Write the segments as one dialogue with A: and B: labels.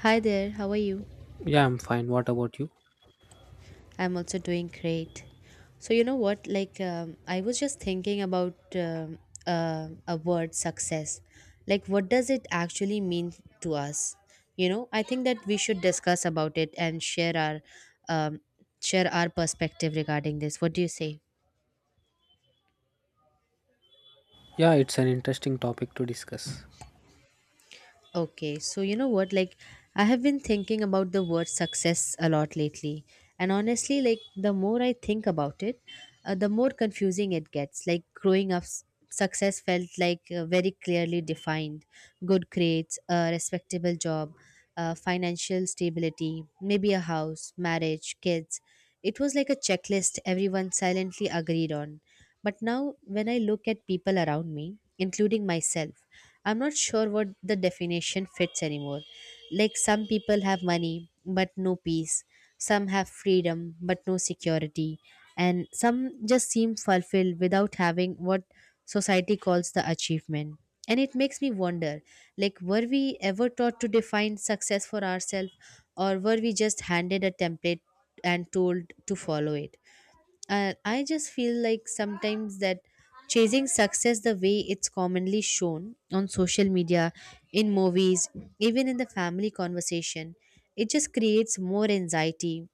A: Hi there, how are you?
B: Yeah, I'm fine. What about you?
A: I'm also doing great. So, you know what? Like, I was just thinking about a word success. Like, what does it actually mean to us? You know, I think that we should discuss about it and share um, our perspective regarding this. What do you say?
B: Yeah, it's an interesting topic to discuss.
A: Okay, so you know what? Like, I have been thinking about the word success a lot lately. And honestly, like, the more I think about it, the more confusing it gets. Like, growing up, success felt like very clearly defined good grades, a respectable job, financial stability, maybe a house, marriage, kids. It was like a checklist everyone silently agreed on. But now, when I look at people around me, including myself, I'm not sure what the definition fits anymore. Like, some people have money but no peace, some have freedom but no security, and some just seem fulfilled without having what society calls the achievement. And it makes me wonder, like, were we ever taught to define success for ourselves, or were we just handed a template and told to follow it? And I just feel like sometimes that chasing success the way it's commonly shown on social media, in movies, even in the family conversation, it just creates more anxiety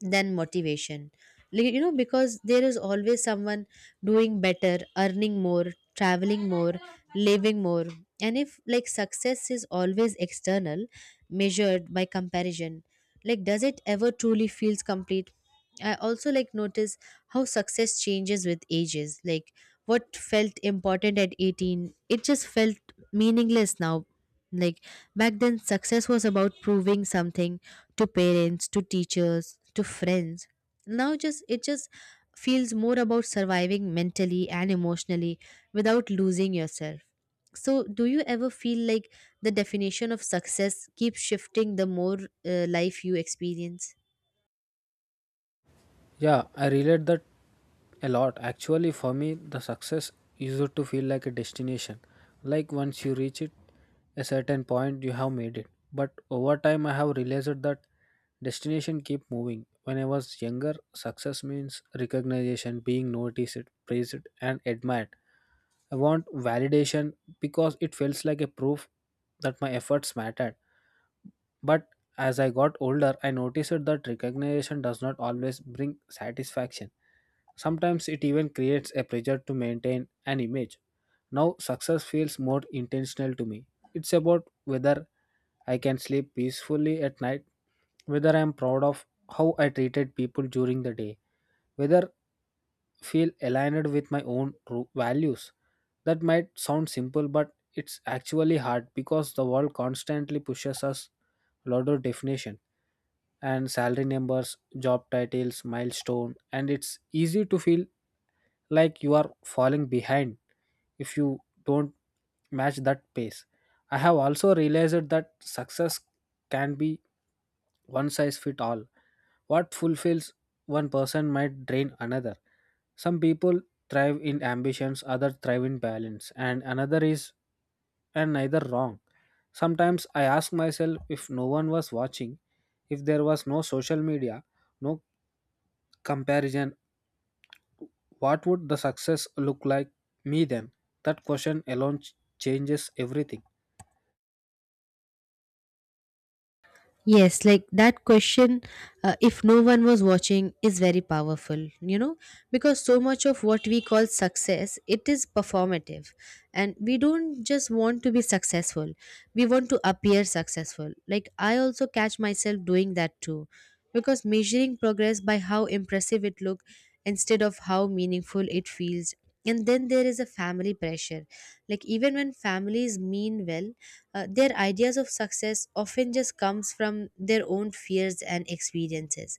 A: than motivation. Like, because there is always someone doing better, earning more, traveling more, living more. And if, like, success is always external, measured by comparison, like, does it ever truly feels complete? I also, like, notice how success changes with ages. Like, what felt important at 18, it just felt meaningless now. Like, back then, success was about proving something to parents, to teachers, to friends. Now just it just feels more about surviving mentally and emotionally without losing yourself. So do you ever feel like the definition of success keeps shifting the more life you experience?
B: Yeah, I relate that a lot. Actually, for me, the success used to feel like a destination. Like once you reach it, a certain point, you have made it. But over time, I have realized that destination keep moving. When I was younger, success means recognition, being noticed, praised, and admired. I want validation because it feels like a proof that my efforts mattered. But as I got older, I noticed that recognition does not always bring satisfaction. Sometimes it even creates a pressure to maintain an image. Now, success feels more intentional to me. It's about whether I can sleep peacefully at night, whether I am proud of how I treated people during the day, whether feel aligned with my own values. That might sound simple, but it's actually hard because the world constantly pushes us a lot of definition and salary numbers, job titles, milestone, and it's easy to feel like you are falling behind if you don't match that pace. I have also realized that success can be one size fit all. What fulfills one person might drain another. Some people thrive in ambitions, others thrive in balance, and another is and neither wrong. Sometimes I ask myself if no one was watching, if there was no social media, no comparison, what would the success look like me then? That question alone changes everything.
A: Yes, like that question, if no one was watching, is very powerful, because so much of what we call success, it is performative. And we don't just want to be successful, we want to appear successful. Like, I also catch myself doing that too, because measuring progress by how impressive it look instead of how meaningful it feels. And then there is a family pressure. Like, even when families mean well, their ideas of success often just comes from their own fears and experiences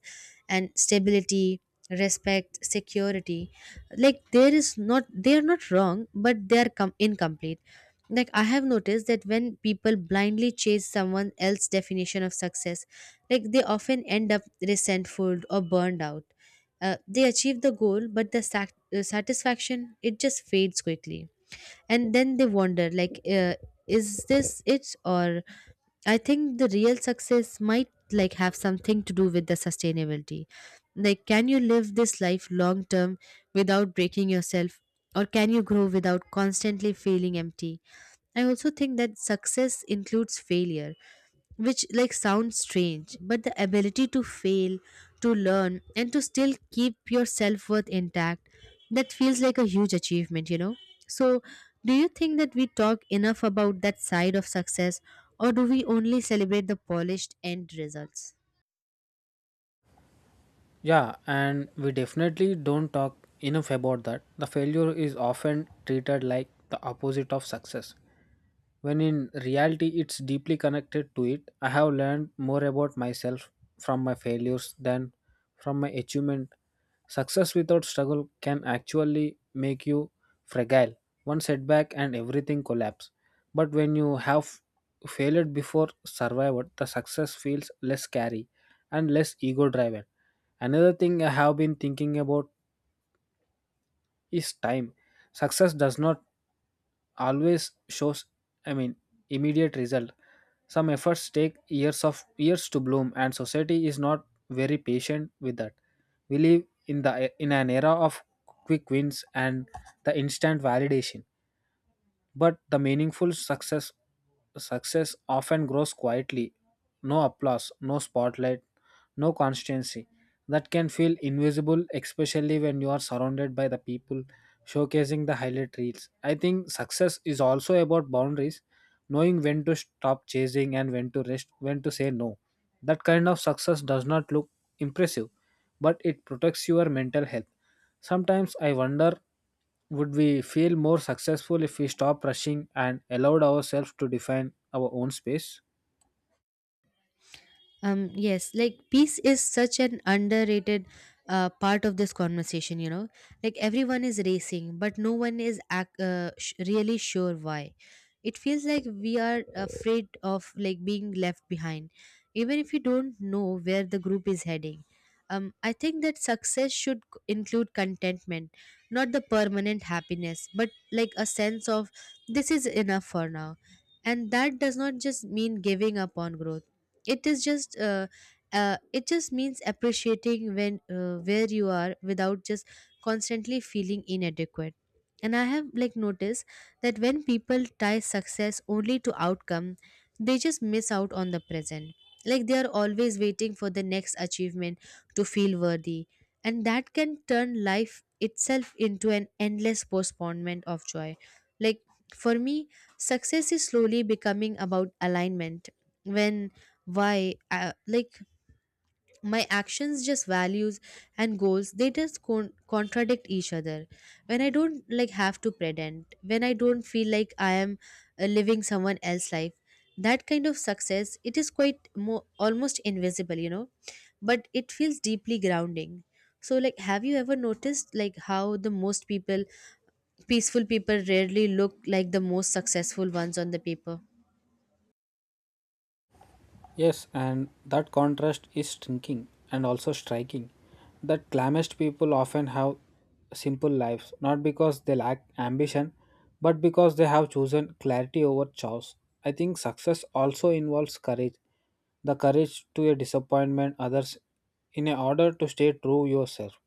A: and stability, respect, security. Like, there is not they are not wrong, but they are incomplete. Like, I have noticed that when people blindly chase someone else's definition of success, like, they often end up resentful or burned out. They achieve the goal, but the satisfaction, it just fades quickly, and then they wonder, like, is this it? Or I think the real success might, like, have something to do with the sustainability. Like, can you live this life long term without breaking yourself, or can you grow without constantly feeling empty? I also think that success includes failure, which, like, sounds strange, but the ability to fail, to learn, and to still keep your self-worth intact, that feels like a huge achievement, you know. So do you think that we talk enough about that side of success, or do we only celebrate the polished end results?
B: Yeah, and we definitely don't talk enough about that. The failure is often treated like the opposite of success, when in reality it's deeply connected to it. I have learned more about myself from my failures than from my achievement. Success without struggle can actually make you fragile. One setback and everything collapse. But when you have failed before survived, the success feels less scary and less ego driven. Another thing I have been thinking about is time. Success does not always shows, I mean, immediate result. Some efforts take years of years to bloom, and society is not very patient with that. We live in the in an era of quick wins and the instant validation but the meaningful success often grows quietly. No applause, no spotlight, no constancy. That can feel invisible, especially when you are surrounded by the people showcasing the highlight reels. I think success is also about boundaries, knowing when to stop chasing and when to rest, when to say no. That kind of success does not look impressive, but it protects your mental health. Sometimes I wonder, would we feel more successful if we stopped rushing and allowed ourselves to define our own space?
A: Yes, like peace is such an underrated part of this conversation. Like everyone is racing, but no one is really sure why. It feels like we are afraid of, like, being left behind, even if you don't know where the group is heading. I think that success should include contentment, not the permanent happiness, but like a sense of, this is enough for now. And that does not just mean giving up on growth. it is just uh, it just means appreciating when where you are without just constantly feeling inadequate. And I have, like, noticed that when people tie success only to outcome, they just miss out on the present. Like, they are always waiting for the next achievement to feel worthy, and that can turn life itself into an endless postponement of joy. Like, for me, success is slowly becoming about alignment. When why Like, my actions, just values and goals, they just contradict each other. When I don't, like, have to pretend, when I don't feel like I am living someone else's life, that kind of success, it is quite more almost invisible, you know, but it feels deeply grounding. So, like, have you ever noticed, like, how the most people peaceful people rarely look like the most successful ones on the paper?
B: Yes, and that contrast is striking and also striking. That glamorous people often have simple lives, not because they lack ambition, but because they have chosen clarity over chaos. I think success also involves courage, the courage to a disappointment others in a order to stay true yourself.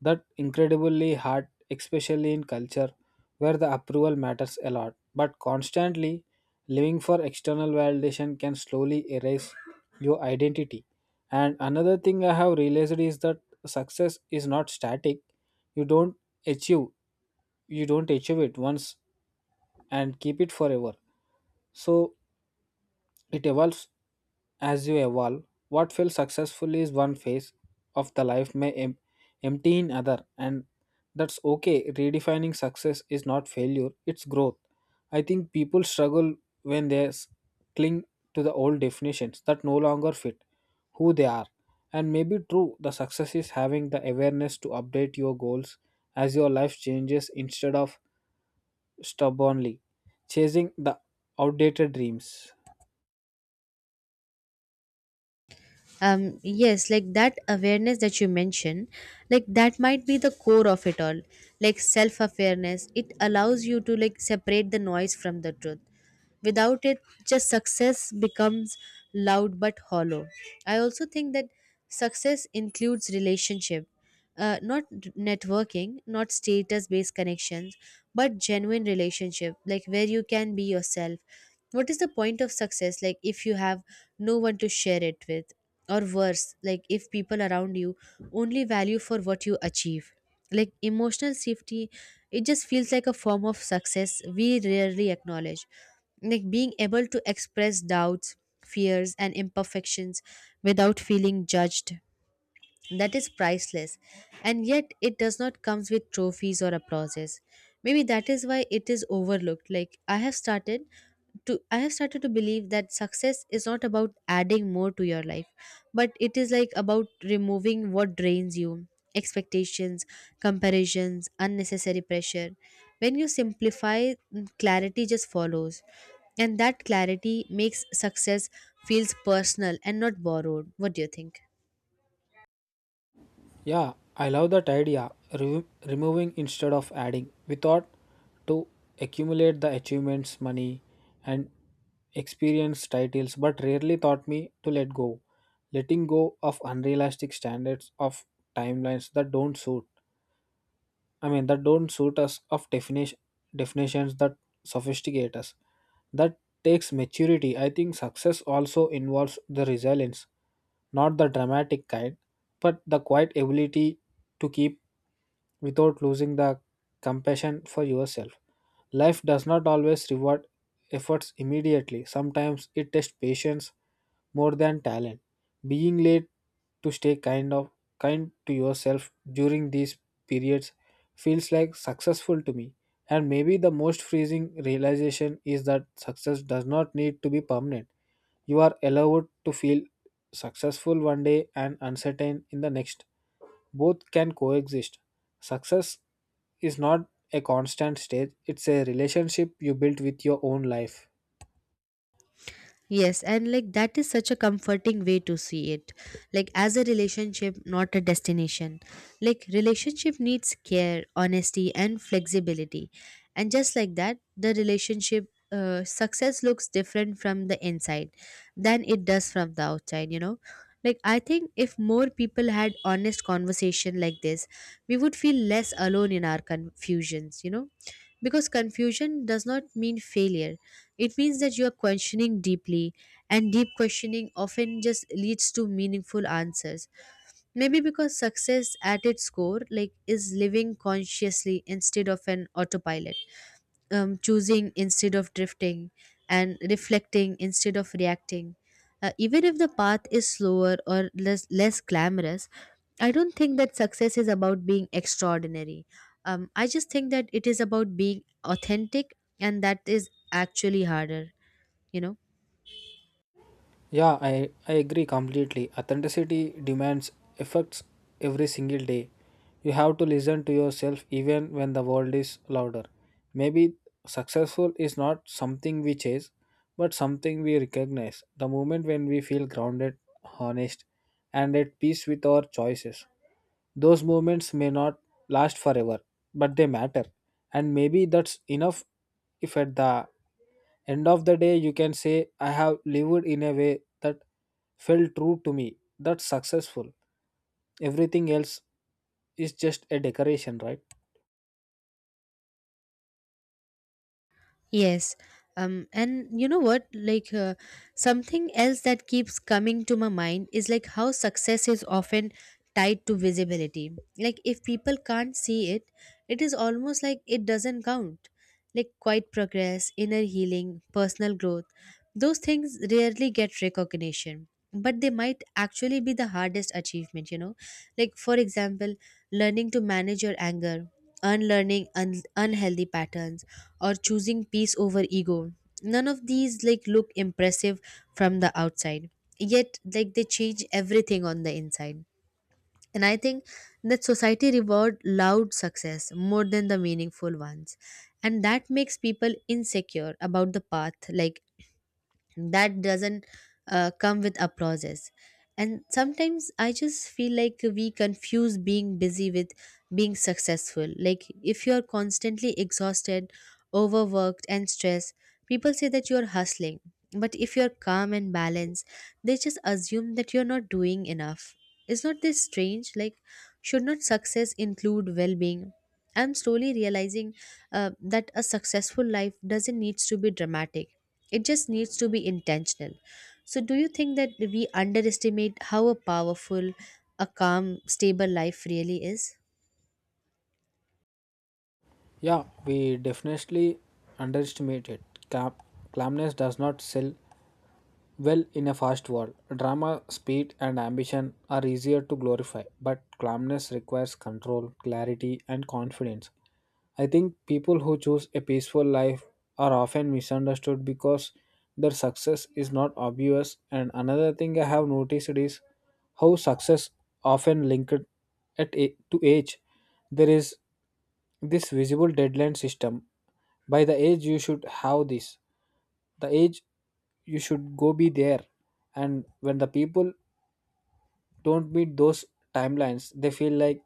B: That incredibly hard, especially in culture where the approval matters a lot. But constantly living for external validation can slowly erase your identity. And another thing I have realized is that success is not static. You don't achieve you don't achieve it once and keep it forever. So it evolves as you evolve. What feels successful is one phase of the life may empty in other, and that's okay. Redefining success is not failure, it's growth. I think people struggle when they cling to the old definitions that no longer fit who they are. And maybe true, the success is having the awareness to update your goals as your life changes instead of stubbornly chasing the outdated dreams.
A: Yes, like that awareness that you mentioned, like that might be the core of it all. Like, self awareness, it allows you to, like, separate the noise from the truth. Without it, just success becomes loud but hollow. I also think that success includes relationship, not networking, not status based connections, but genuine relationship, like where you can be yourself. What is the point of success, like, if you have no one to share it with, or worse, like, if people around you only value for what you achieve? Like, emotional safety, it just feels like a form of success we rarely acknowledge. Like, being able to express doubts, fears, and imperfections without feeling judged, that is priceless, and yet it does not comes with trophies or applauses. Maybe that is why it is overlooked. Like, I have started to believe that success is not about adding more to your life, but it is, like, about removing what drains you. Expectations, comparisons, unnecessary pressure. When you simplify, clarity just follows, and that clarity makes success feels personal and not borrowed. What do you think?
B: Yeah, I love that idea. Removing instead of adding. We thought to accumulate the achievements, money, and experience titles, but rarely taught me to let go. Letting go of unrealistic standards of timelines that don't suit, I mean that don't suit us, of definitions that sophisticate us. That takes maturity. I think success also involves the resilience, not the dramatic kind, but the quiet ability to keep without losing the compassion for yourself. Life does not always reward efforts immediately. Sometimes it tests patience more than talent. Being late to stay kind to yourself during these periods feels like successful to me. And maybe the most freezing realization is that success does not need to be permanent. You are allowed to feel successful one day and uncertain in the next. Both can coexist. Success is not a constant state, it's a relationship you built with your own life.
A: Yes, and, like, that is such a comforting way to see it. Like, as a relationship, not a destination. Like, relationship needs care, honesty, and flexibility. And just like that, the relationship success looks different from the inside than it does from the outside, you know. Like, I think if more people had honest conversation like this, we would feel less alone in our confusions, because confusion does not mean failure. It means that you are questioning deeply, and deep questioning often just leads to meaningful answers. Maybe because success at its core, like, is living consciously instead of an autopilot, choosing instead of drifting, and reflecting instead of reacting. Even if the path is slower or less glamorous, I don't think that success is about being extraordinary. I just think that it is about being authentic, and that is actually harder. You know.
B: Yeah, I agree completely. Authenticity demands efforts every single day. You have to listen to yourself even when the world is louder. Maybe successful is not something we chase, but something we recognize. The moment when we feel grounded, honest, and at peace with our choices. Those moments may not last forever, but they matter. And maybe that's enough. If at the end of the day you can say I have lived in a way that felt true to me, that's successful. Everything else is just a decoration, right?
A: Yes. And you know what? Like, something else that keeps coming to my mind is, like, how success is often tied to visibility. Like, if people can't see it, it is almost like it doesn't count. Like, quiet progress, inner healing, personal growth, those things rarely get recognition, but they might actually be the hardest achievement. Like, for example, learning to manage your anger, unlearning unhealthy patterns, or choosing peace over ego. None of these, like, look impressive from the outside, yet, like, they change everything on the inside. And I think that society reward loud success more than the meaningful ones, and that makes people insecure about the path. Like, that doesn't come with applauses. And sometimes I just feel like we confuse being busy with being successful. Like, if you're constantly exhausted, overworked, and stressed, people say that you're hustling, but if you're calm and balanced, they just assume that you're not doing enough. Is not this strange? Like, should not success include well-being? I'm slowly realizing that a successful life doesn't need to be dramatic, it just needs to be intentional. So, do you think that we underestimate how a powerful, a calm, stable life really is?
B: Yeah, we definitely underestimate it. Clam- Calmness does not sell well in a fast world. Drama, speed, and ambition are easier to glorify, but calmness requires control, clarity, and confidence. I think people who choose a peaceful life are often misunderstood because their success is not obvious. And another thing I have noticed is how success often linked to age. There is this visible deadline system. By the age you should have this, the age you should go be there. And when the people don't meet those timelines, they feel like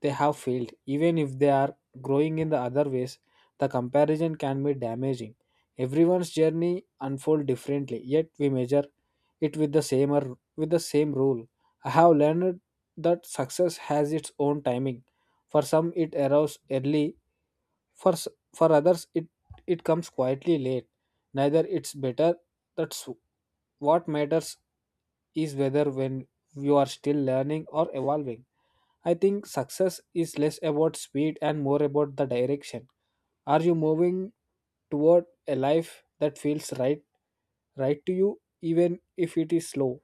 B: they have failed. Even if they are growing in the other ways, the comparison can be damaging. Everyone's journey unfolds differently, yet we measure it with the same, or with the same rule. I have learned that success has its own timing. For some, it arrives early. for, s- for others, it comes quietly late. Neither it's better, that's what matters is whether when you are still learning or evolving. I think success is less about speed and more about the direction. Are you moving toward a life that feels right to you even if it is slow?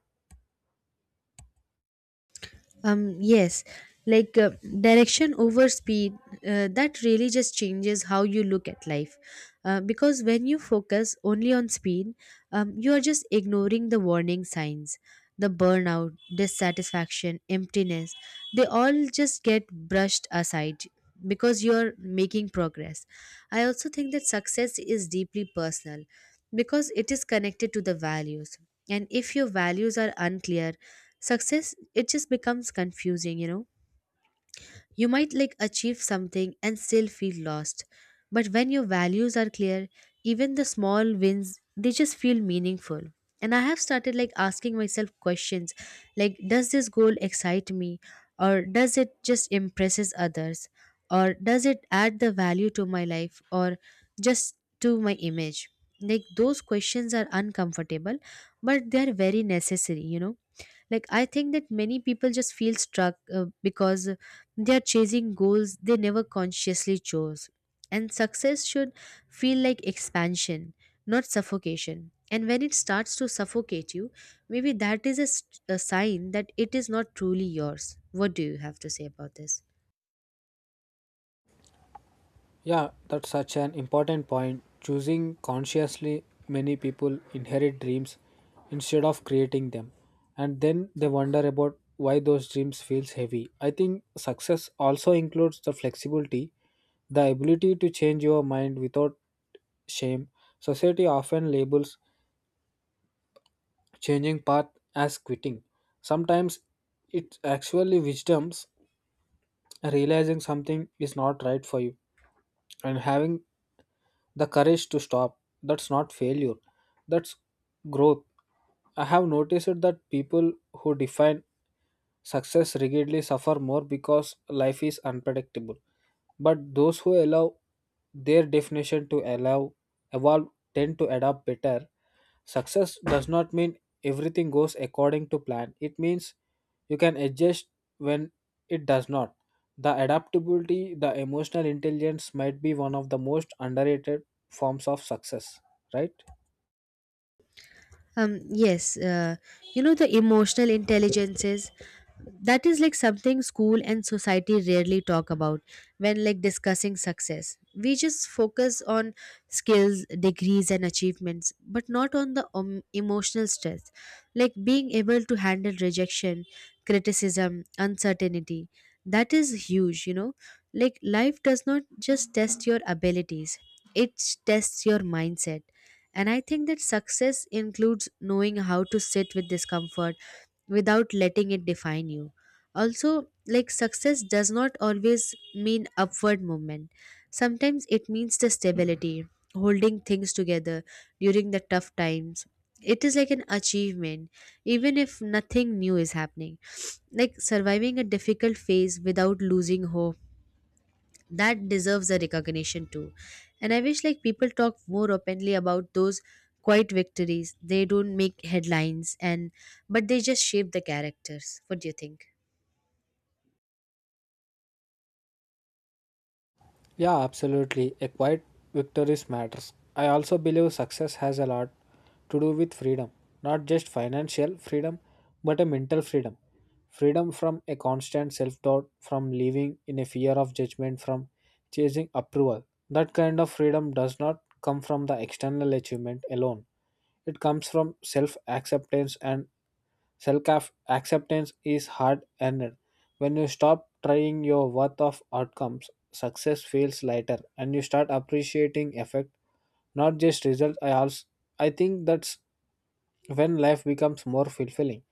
A: Yes, like direction over speed, that really just changes how you look at life. Because when you focus only on speed, you are just ignoring the warning signs. The burnout, dissatisfaction, emptiness, they all just get brushed aside because you're making progress. I also think that success is deeply personal because it is connected to the values. And if your values are unclear, success, it just becomes confusing, you know. You might, like, achieve something and still feel lost. But when your values are clear, even the small wins, they just feel meaningful. And I have started, like, asking myself questions like, does this goal excite me, or does it just impresses others, or does it add the value to my life or just to my image? Like those questions are uncomfortable but they are very necessary, you know. Like I think that many people just feel struck because they are chasing goals they never consciously chose. And success should feel like expansion, not suffocation. And when it starts to suffocate you, maybe that is a, a sign that it is not truly yours. What do you have to say about this?
B: Yeah, that's such an important point. Choosing consciously, many people inherit dreams instead of creating them, and then they wonder about why those dreams feels heavy. I think success also includes the flexibility, the ability to change your mind without shame. Society often labels changing path as quitting. Sometimes it's actually wisdoms, realizing something is not right for you and having the courage to stop. That's not failure, that's growth. I have noticed that people who define success rigidly suffer more because life is unpredictable. But those who allow their definition to allow evolve tend to adapt better. Success does not mean everything goes according to plan. It means you can adjust when it does not. The adaptability, the emotional intelligence might be one of the most underrated forms of success, right?
A: Yes, you know, the emotional intelligences, that is like something school and society rarely talk about. When like discussing success, we just focus on skills, degrees and achievements, but not on the emotional stress, like being able to handle rejection, criticism, uncertainty. That is huge, you know. Like life does not just test your abilities, it tests your mindset. And I think that success includes knowing how to sit with discomfort without letting it define you. Also, like success does not always mean upward movement. Sometimes it means the stability, holding things together during the tough times. It is like an achievement, even if nothing new is happening. Like surviving a difficult phase without losing hope, that deserves a recognition too. And I wish like people talk more openly about those quiet victories. They don't make headlines, and but they just shape the characters. What do you think?
B: Yeah, absolutely. A quiet victories matters. I also believe success has a lot to do with freedom, not just financial freedom, but a mental freedom. Freedom from a constant self doubt, from living in a fear of judgment, from chasing approval. That kind of freedom does not come from the external achievement alone. It comes from self acceptance, and self acceptance is hard earned. When you stop trying your worth of outcomes, success feels lighter and you start appreciating effect, not just result. I think that's when life becomes more fulfilling.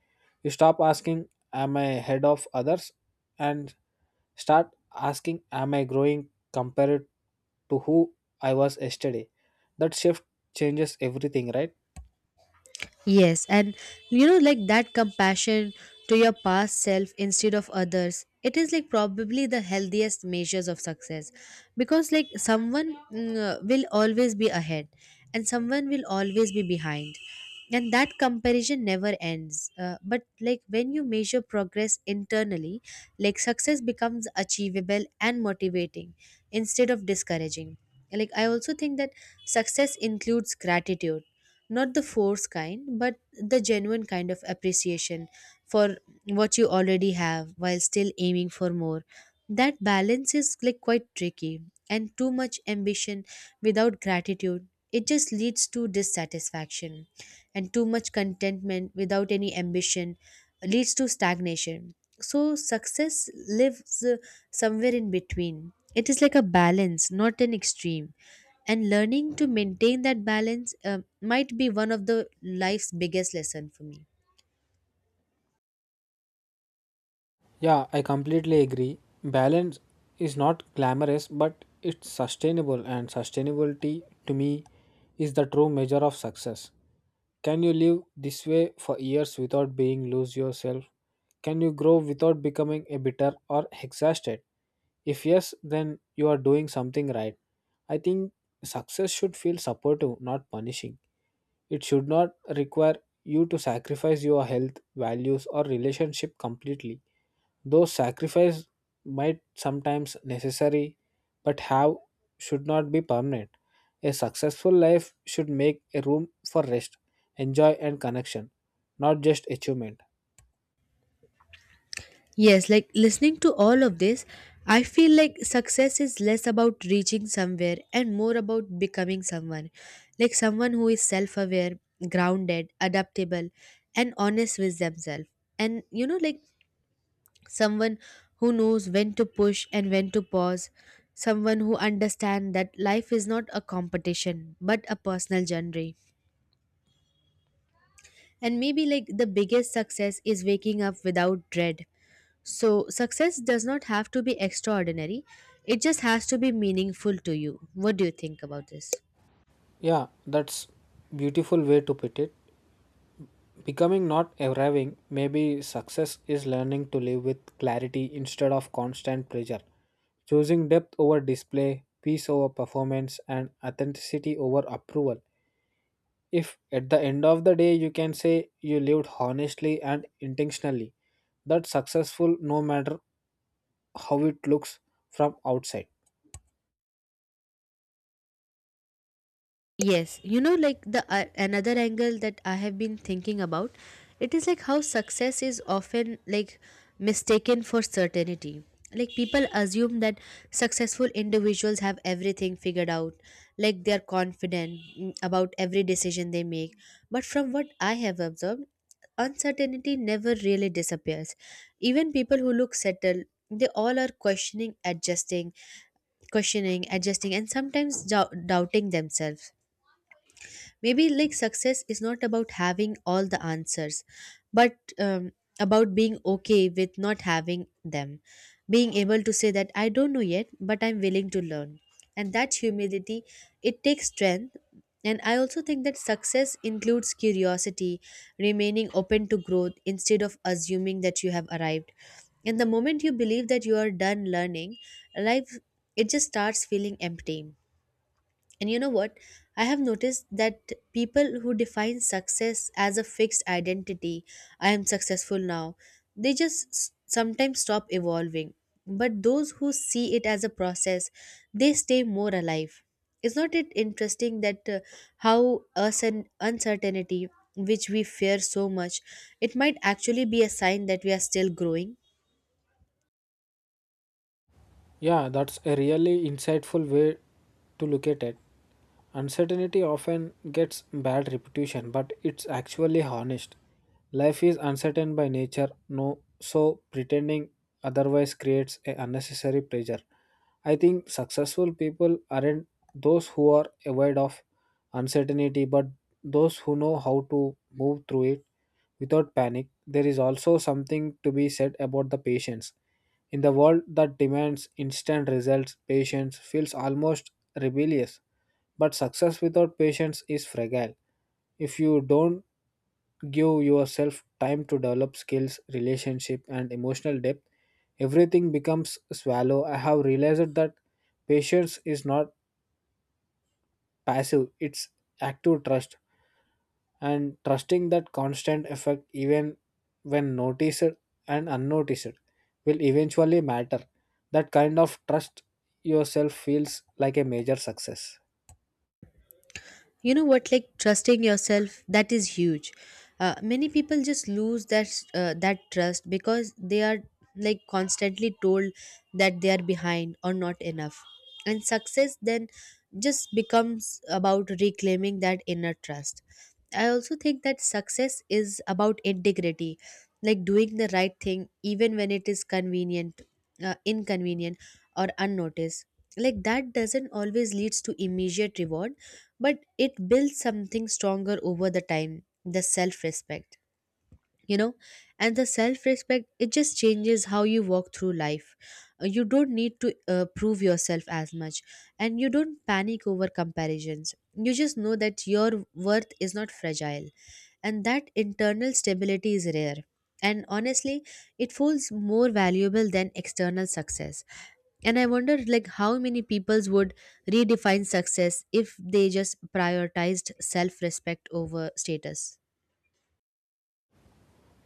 B: You stop asking, am I ahead of others? And start asking, am I growing compared to who I was yesterday? That shift changes everything, right?
A: Yes, and you know, like that compassion to your past self instead of others, it is like probably the healthiest measures of success. Because, like, someone will always be ahead and someone will always be behind, and that comparison never ends. But, like, when you measure progress internally, like, success becomes achievable and motivating instead of discouraging. Like, I also think that success includes gratitude, not the forced kind but the genuine kind of appreciation for what you already have while still aiming for more. That balance is like quite tricky, and too much ambition without gratitude, it just leads to dissatisfaction. And too much contentment without any ambition leads to stagnation. So success lives somewhere in between. It is like a balance, not an extreme. And learning to maintain that balance might be one of the life's biggest lesson for me.
B: Yeah, I completely agree. Balance is not glamorous, but it's sustainable, and sustainability to me is the true measure of success. Can you live this way for years without being lose yourself? Can you grow without becoming a bitter or exhausted? If yes, then you are doing something right. I think success should feel supportive, not punishing. It should not require you to sacrifice your health, values, or relationship completely. Though sacrifice might sometimes necessary, but have should not be permanent. A successful life should make a room for rest, enjoy and connection, not just achievement.
A: Yes, like listening to all of this, I feel like success is less about reaching somewhere and more about becoming someone. Like someone who is self-aware, grounded, adaptable and honest with themselves. And you know, like someone who knows when to push and when to pause, someone who understands that life is not a competition but a personal journey. And maybe like the biggest success is waking up without dread. So, success does not have to be extraordinary, it just has to be meaningful to you. What do you think about this?
B: Yeah, that's beautiful way to put it. Becoming not arriving, maybe success is learning to live with clarity instead of constant pressure. Choosing depth over display, peace over performance, and authenticity over approval. If at the end of the day you can say you lived honestly and intentionally, that's successful no matter how it looks from outside.
A: Yes, you know, like the another angle that I have been thinking about, it is like how success is often like mistaken for certainty. Like people assume that successful individuals have everything figured out, like they are confident about every decision they make. But from what I have observed, uncertainty never really disappears. Even people who look settled, they all are questioning, adjusting, and sometimes doubting themselves. Maybe like success is not about having all the answers but about being okay with not having them, being able to say that I don't know yet but I'm willing to learn. And that humility, it takes strength. And I also think that success includes curiosity, remaining open to growth instead of assuming that you have arrived. And the moment you believe that you are done learning, life, it just starts feeling empty. And you know what? I have noticed that people who define success as a fixed identity, I am successful now, they just sometimes stop evolving. But those who see it as a process, they stay more alive. Is not it interesting that how uncertainty, which we fear so much, it might actually be a sign that we are still growing?
B: Yeah, that's a really insightful way to look at it. Uncertainty often gets bad reputation, but it's actually honest. Life is uncertain by nature, no, so pretending otherwise creates a unnecessary pressure. I think successful people aren't those who are aware of uncertainty, but those who know how to move through it without panic. There is also something to be said about the patience. In the world that demands instant results, patience feels almost rebellious. But success without patience is fragile. If you don't give yourself time to develop skills, relationship, and emotional depth, everything becomes swallow. I have realized that patience is not passive, it's active trust, and trusting that constant effect, even when noticed and unnoticed, will eventually matter. That kind of trust yourself feels like a major success.
A: You know what, like trusting yourself, that is huge. Many people just lose that that trust because they are like constantly told that they are behind or not enough. And success then just becomes about reclaiming that inner trust. I also think that success is about integrity, like doing the right thing even when it is convenient, inconvenient or unnoticed. Like that doesn't always leads to immediate reward, but it builds something stronger over the time, the self respect, you know. And the self respect, it just changes how you walk through life. You don't need to prove yourself as much, and you don't panic over comparisons. You just know that your worth is not fragile, and that internal stability is rare. And honestly, it feels more valuable than external success. And I wonder, like how many peoples would redefine success if they just prioritized self-respect over status.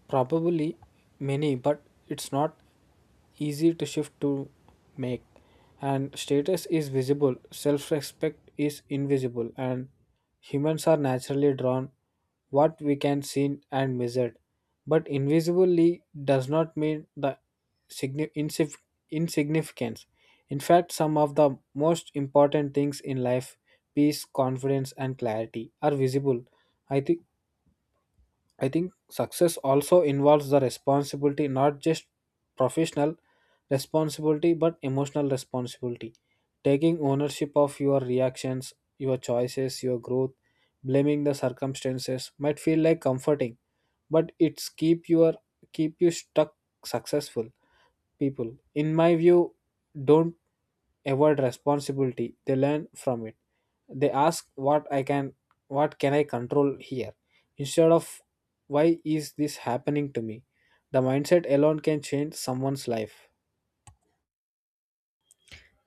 B: Probably many, but it's not easy to shift to make, and status is visible, self respect is invisible, and humans are naturally drawn what we can see and measure. But invisibly does not mean the signi- insif- insignificance. In fact, some of the most important things in life, peace, confidence, and clarity, are visible. I think I think success also involves the responsibility, not just professional responsibility, but emotional responsibility. Taking ownership of your reactions, your choices, your growth, blaming the circumstances might feel like comforting, but it's keep you stuck. Successful people, in my view, don't avoid responsibility, they learn from it. They ask what can I control here, instead of why is this happening to me. The mindset alone can change someone's life.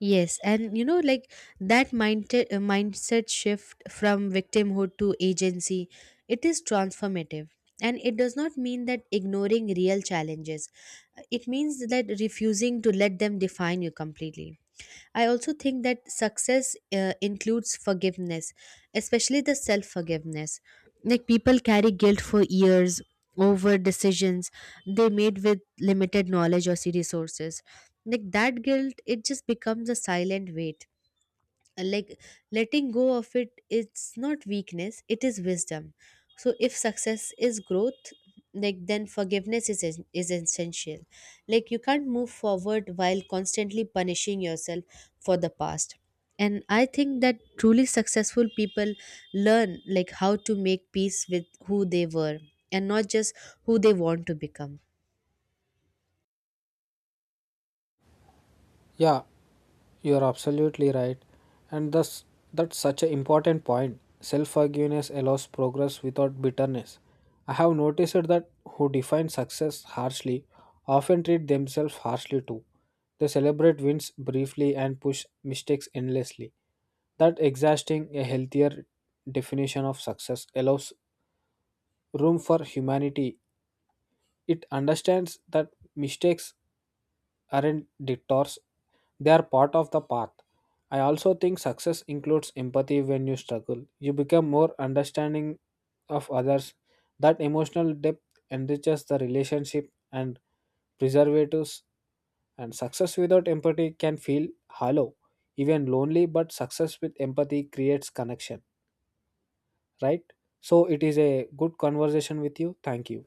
A: Yes, and you know, like that mindset mindset shift from victimhood to agency, it is transformative. And it does not mean that ignoring real challenges. It means that refusing to let them define you completely. I also think that success includes forgiveness, especially the self forgiveness. Like people carry guilt for years over decisions they made with limited knowledge or resources. Like that guilt, it just becomes a silent weight. Like letting go of it is not weakness, it is wisdom. So if success is growth, like then forgiveness is is essential. Like you can't move forward while constantly punishing yourself for the past. And I think that truly successful people learn like how to make peace with who they were and not just who they want to become.
B: Yeah, you are absolutely right, and thus that's such an important point. Self forgiveness allows progress without bitterness. I have noticed that who define success harshly often treat themselves harshly too. They celebrate wins briefly and push mistakes endlessly. That exhausting a healthier definition of success allows room for humanity. It understands that mistakes aren't detours, they are part of the path. I also think success includes empathy. When you struggle, you become more understanding of others. That emotional depth enriches the relationship and preservatives, and success without empathy can feel hollow, even lonely, but success with empathy creates connection, right? So, it is a good conversation with you. Thank you.